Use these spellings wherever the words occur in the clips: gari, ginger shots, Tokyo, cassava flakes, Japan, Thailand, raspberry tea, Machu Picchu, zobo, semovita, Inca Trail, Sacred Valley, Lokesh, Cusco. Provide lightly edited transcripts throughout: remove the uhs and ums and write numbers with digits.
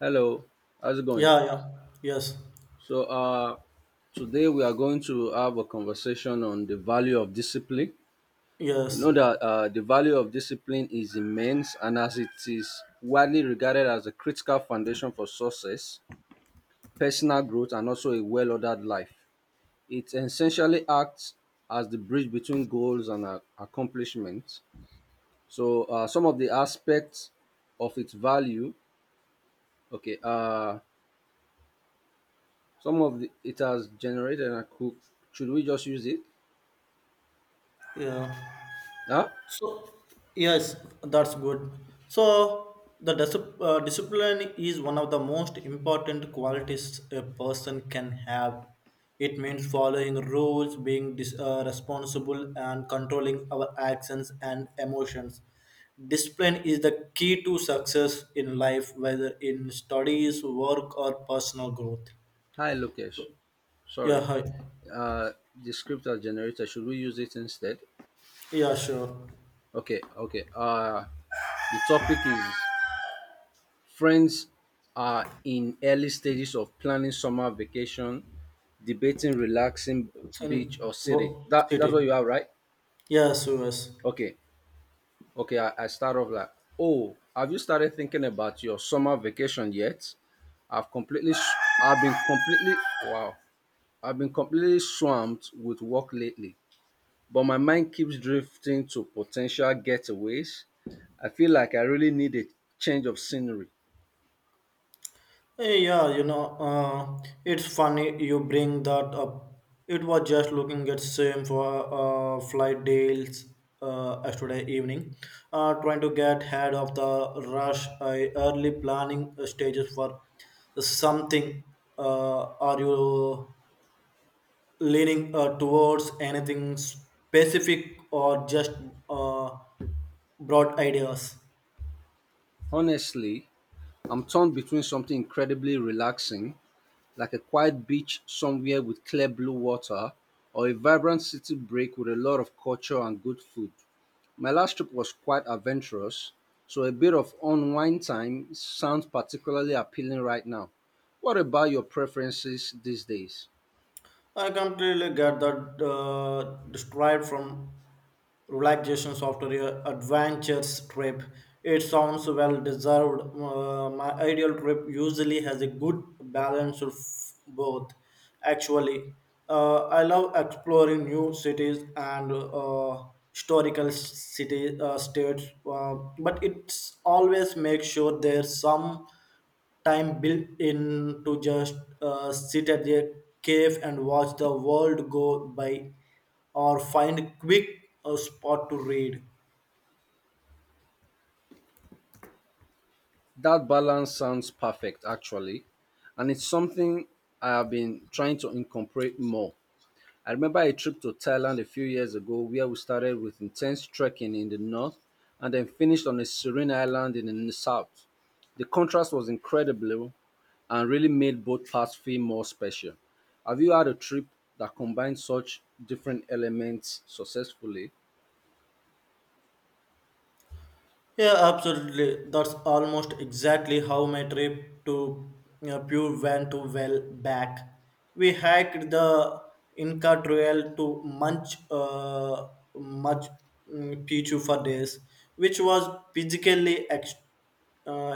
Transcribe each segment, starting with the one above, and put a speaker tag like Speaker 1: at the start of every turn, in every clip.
Speaker 1: Hello, how's it going?
Speaker 2: Yeah, yeah, yes,
Speaker 1: So, uh, Today we are going to have a conversation on the value of discipline. We
Speaker 2: yes,
Speaker 1: know that the value of discipline is immense, and as it is widely regarded as a critical foundation for success, personal growth, and also a well ordered life, it essentially acts as the bridge between goals and accomplishments. Some of the aspects of its value, okay, Some of the, it has generated and cooked. Should we just use it?
Speaker 2: yeah.
Speaker 1: Huh?
Speaker 2: So, yes, that's good. So, the discipline is one of the most important qualities a person can have. It means following rules, being responsible, and controlling our actions and emotions. Discipline is the key to success in life, whether in studies, work, or personal growth.
Speaker 1: Hi, Lokesh.
Speaker 2: Yeah,
Speaker 1: Sorry.
Speaker 2: hi.
Speaker 1: Uh, the script has generated. Should we use it instead?
Speaker 2: Yeah, sure.
Speaker 1: Okay, okay. The topic is friends are in early stages of planning summer vacation, debating relaxing
Speaker 2: Sun
Speaker 1: beach or city. That
Speaker 2: City.
Speaker 1: that's what you have, right?
Speaker 2: Yes, yes.
Speaker 1: Okay. Okay, I start off like, oh, have you started thinking about your summer vacation yet? I've completely, s- I've been completely, wow, I've been completely swamped with work lately, but my mind keeps drifting to potential getaways. I feel like I really need a change of scenery.
Speaker 2: Hey, yeah, it's funny you bring that up. It was just looking at same for flight deals yesterday evening, trying to get ahead of the rush. I early planning stages for something. Are you leaning towards anything specific or just uh, broad ideas?
Speaker 1: Honestly, I'm torn between something incredibly relaxing like a quiet beach somewhere with clear blue water, or a vibrant city break with a lot of culture and good food. My last trip was quite adventurous, so a bit of unwind time sounds particularly appealing right now. What about your preferences these days?
Speaker 2: I completely get that described from relaxation after your adventures trip. It sounds well deserved. My ideal trip usually has a good balance of both. Actually, I love exploring new cities and historical city states, but it's always make sure there's some time built in to just sit at their cave and watch the world go by or find a quick spot to read.
Speaker 1: That balance sounds perfect, actually, and it's something I have been trying to incorporate more. I remember a trip to Thailand a few years ago where we started with intense trekking in the north and then finished on a serene island in the south. The contrast was incredible and really made both parts feel more special. Have you had a trip that combined such different elements successfully?
Speaker 2: Yeah, absolutely. That's almost exactly how my trip to Pure went to well back. We hiked the Inca Trail to Machu Picchu for days, which was physically uh,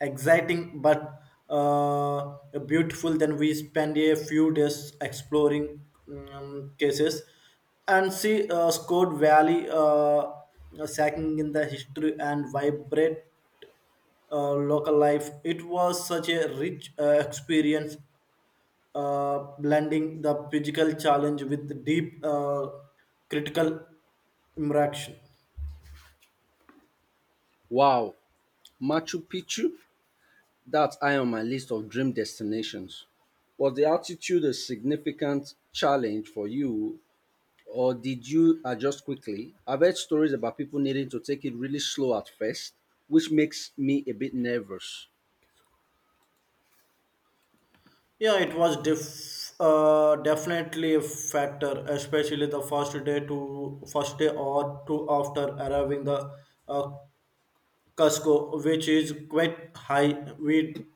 Speaker 2: exciting but uh, beautiful. Then we spend a few days exploring cases and see Scott Valley sacking in the history and vibrant local life. It was such a rich experience, blending the physical challenge with deep critical interaction.
Speaker 1: Wow, Machu Picchu? That's high on my list of dream destinations. Was the altitude a significant challenge for you or did you adjust quickly? I've heard stories about people needing to take it really slow at first, which makes me a bit nervous.
Speaker 2: Yeah, it was definitely a factor, especially the first day or two after arriving the uh, Cusco, which is quite high. We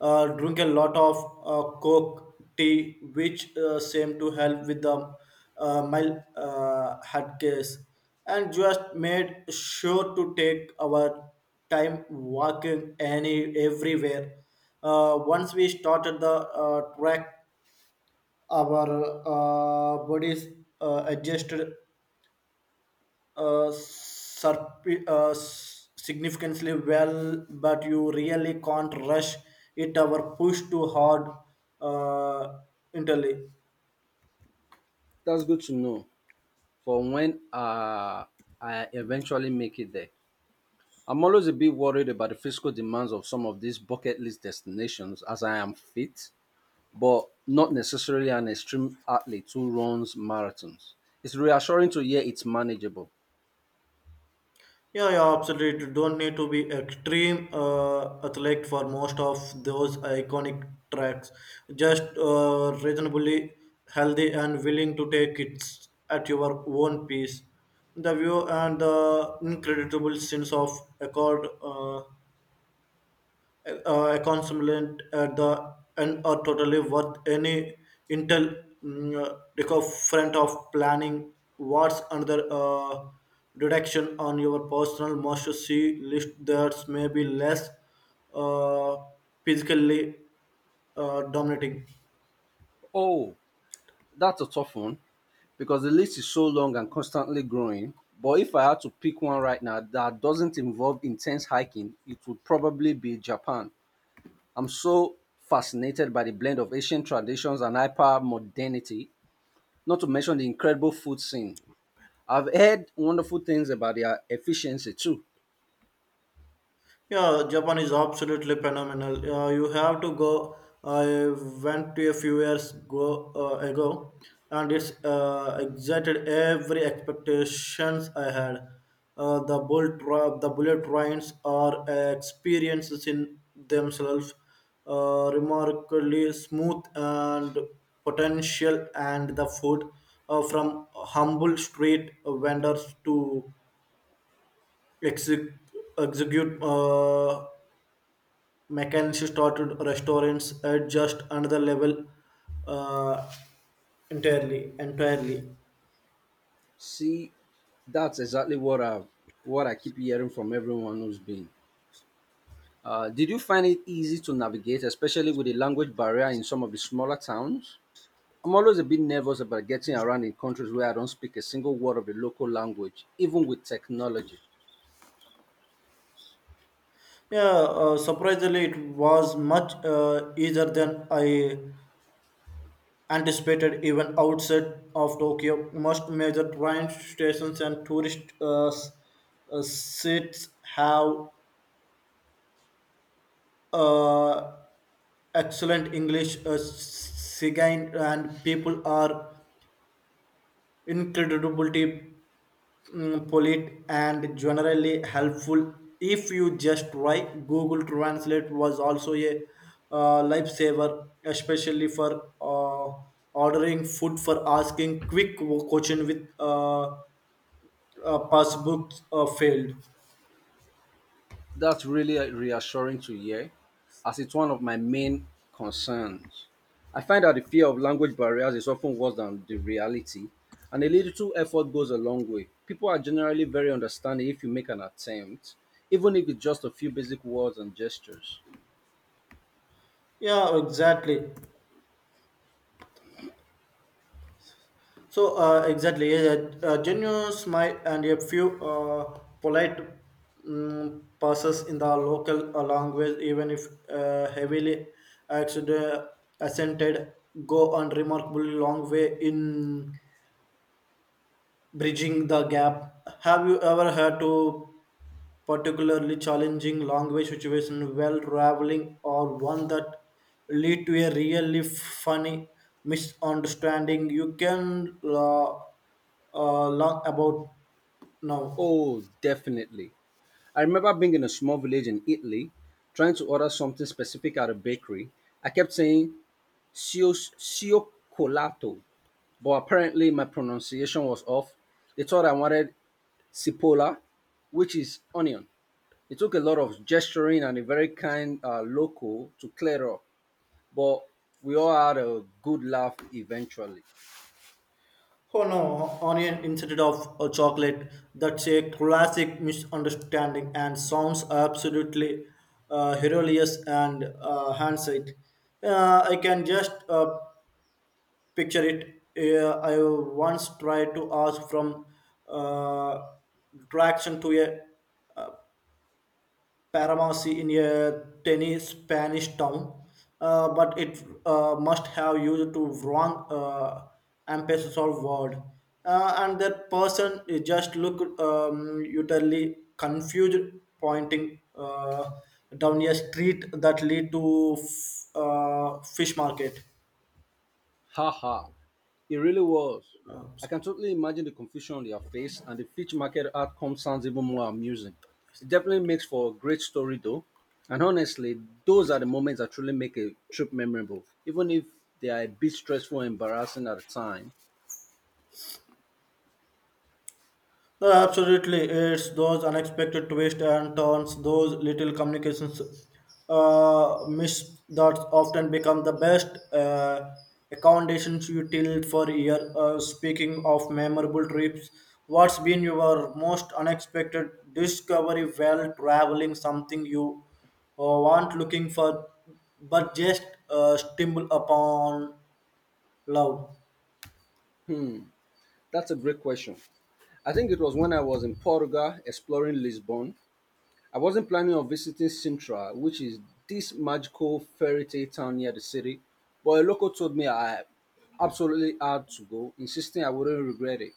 Speaker 2: drink a lot of Coke tea, which seemed to help with the mild heart case, and just made sure to take our time walking any everywhere. Once we started the track our bodies adjusted uh, significantly well, but you really can't rush it or push too hard uh, internally.
Speaker 1: That's good to know for when I eventually make it there. I'm always a bit worried about the physical demands of some of these bucket list destinations as I am fit, but not necessarily an extreme athlete who runs marathons. It's reassuring to hear it's manageable.
Speaker 2: Yeah, yeah, absolutely. Don't need to be extreme athlete for most of those iconic tracks. Just reasonably healthy and willing to take it at your own pace. The view and the incredible sense of accord accomplishment at the end are totally worth any intel mm, uh, front of planning what's another reduction on your personal must see list that's maybe less uh, physically dominating.
Speaker 1: Oh, that's a tough one because the list is so long and constantly growing. But if I had to pick one right now that doesn't involve intense hiking, it would probably be Japan. I'm so fascinated by the blend of ancient traditions and hyper modernity, not to mention the incredible food scene. I've heard wonderful things about their efficiency too.
Speaker 2: Yeah, Japan is absolutely phenomenal. You have to go. I went to a few years ago, and it's excited every expectations I had. The bullet trains are experiences in themselves, remarkably smooth and potential, and the food from humble street vendors to exec- execute. Mechanics started restaurants at just another level uh, entirely.
Speaker 1: See, that's exactly what I keep hearing from everyone who's been. Did you find it easy to navigate, especially with the language barrier in some of the smaller towns? I'm always a bit nervous about getting around in countries where I don't speak a single word of the local language, even with technology.
Speaker 2: Yeah, surprisingly it was much easier than I anticipated, even outside of Tokyo. Most major train stations and tourist seats have uh, excellent English sign, and people are incredibly polite and generally helpful if you just try. Google Translate was also a lifesaver, especially for uh, ordering food, for asking quick question with passbooks failed.
Speaker 1: That's really reassuring to hear, as it's one of my main concerns. I find that the fear of language barriers is often worse than the reality, and a little effort goes a long way. People are generally very understanding if you make an attempt, even if it's just a few basic words and gestures.
Speaker 2: Yeah, exactly. So exactly, yeah, yeah, a genuine smile and a few polite passes in the local language, even if heavily accent- accented, go a remarkably long way in bridging the gap. Have you ever had to particularly challenging language situation while traveling, or one that lead to a really funny misunderstanding you can learn about now?
Speaker 1: Oh, definitely. I remember being in a small village in Italy, trying to order something specific at a bakery. I kept saying "sio sio colato," but apparently my pronunciation was off. They thought I wanted cipolla, which is onion. It took a lot of gesturing and a very kind local to clear up, but we all had a good laugh eventually.
Speaker 2: Oh no, onion instead of a chocolate, that's a classic misunderstanding and sounds absolutely hilarious and hindsight. I can just picture it. I once tried to ask from uh, traction to a uh, paramountcy in a tiny Spanish town, but it must have used to wrong emphasis or word, and that person just looked utterly confused, pointing down a street that lead to fish market.
Speaker 1: Haha, it really was.
Speaker 2: Uh,
Speaker 1: I can totally imagine the confusion on their face, and the Fitch market outcome sounds even more amusing. It definitely makes for a great story, though. And honestly, those are the moments that truly make a trip memorable, even if they are a bit stressful and embarrassing at the time.
Speaker 2: Absolutely, it's those unexpected twists and turns, those little communications miss that often become the best accommodations you till for a year. Speaking of memorable trips, what's been your most unexpected discovery while traveling? Something you weren't looking for, but just stumble upon love.
Speaker 1: That's a great question. I think it was when I was in Portugal exploring Lisbon. I wasn't planning on visiting Sintra, which is this magical fairy tale town near the city, but a local told me I absolutely had to go, insisting I wouldn't regret it.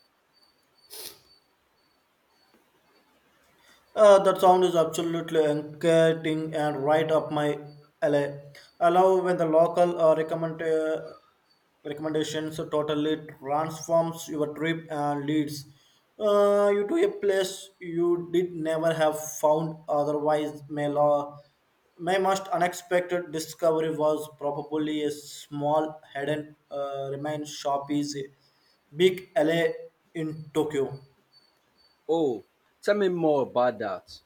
Speaker 2: That sound is absolutely engaging and right up my alley. I love when the local recommendations totally transforms your trip and leads you to a place you did never have found otherwise. My most unexpected discovery was probably a small hidden remain shop is a big alley in Tokyo.
Speaker 1: Oh, tell me more about that.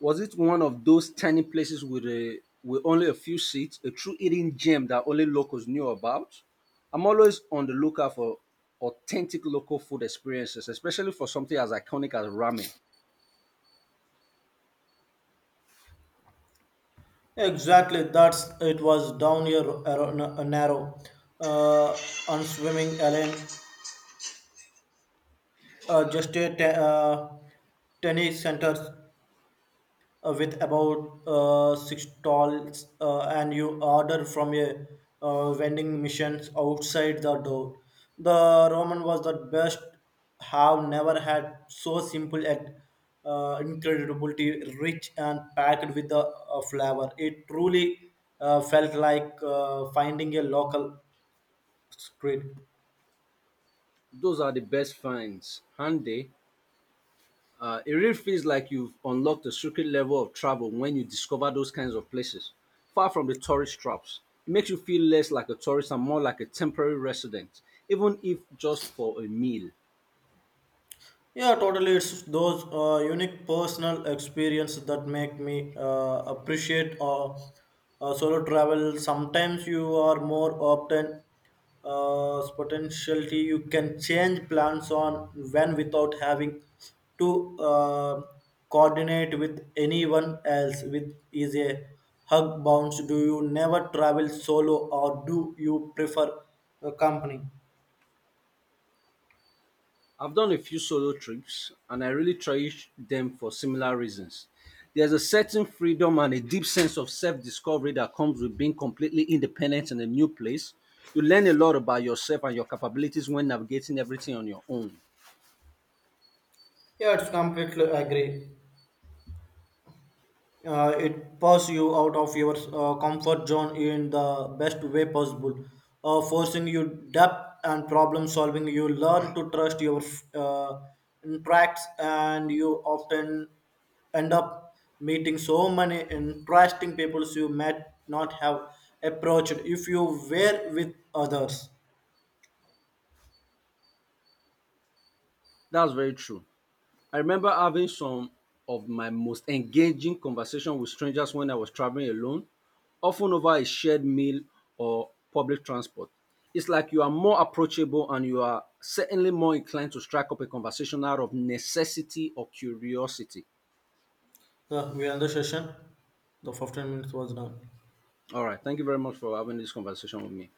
Speaker 1: Was it one of those tiny places with only a few seats, a true hidden gem that only locals knew about? I'm always on the lookout for authentic local food experiences, especially for something as iconic as ramen.
Speaker 2: Exactly, that's it was down here narrow, uh, on swimming lane, just a tennis centers with about six stalls, and you order from a vending machines outside the door. The Roman was the best. Have never had so simple and incredibly rich and packed with the flavor. It truly felt like finding a local street.
Speaker 1: Those are the best finds, handy. It really feels like you've unlocked a secret level of travel when you discover those kinds of places, far from the tourist traps. It makes you feel less like a tourist and more like a temporary resident, even if just for a meal.
Speaker 2: Yeah, totally. It's those unique personal experiences that make me appreciate solo travel. Sometimes you are more often potentiality. You can change plans on when without having to coordinate with anyone else. With is a hug bounce. Do you never travel solo, or do you prefer a company?
Speaker 1: I've done a few solo trips and I really cherish them for similar reasons. There's a certain freedom and a deep sense of self discovery that comes with being completely independent in a new place. You learn a lot about yourself and your capabilities when navigating everything on your own.
Speaker 2: Yeah, it's completely agree. It pushes you out of your comfort zone in the best way possible, forcing you depth and problem solving. You learn to trust your uh, interacts, and you often end up meeting so many interesting people you might not have approached if you were with others.
Speaker 1: That's very true. I remember having some of my most engaging conversations with strangers when I was traveling alone, often over a shared meal or public transport. It's like you are more approachable and you are certainly more inclined to strike up a conversation out of necessity or curiosity.
Speaker 2: Yeah, we end the session. The 15 minutes was done.
Speaker 1: All right, thank you very much for having this conversation with me.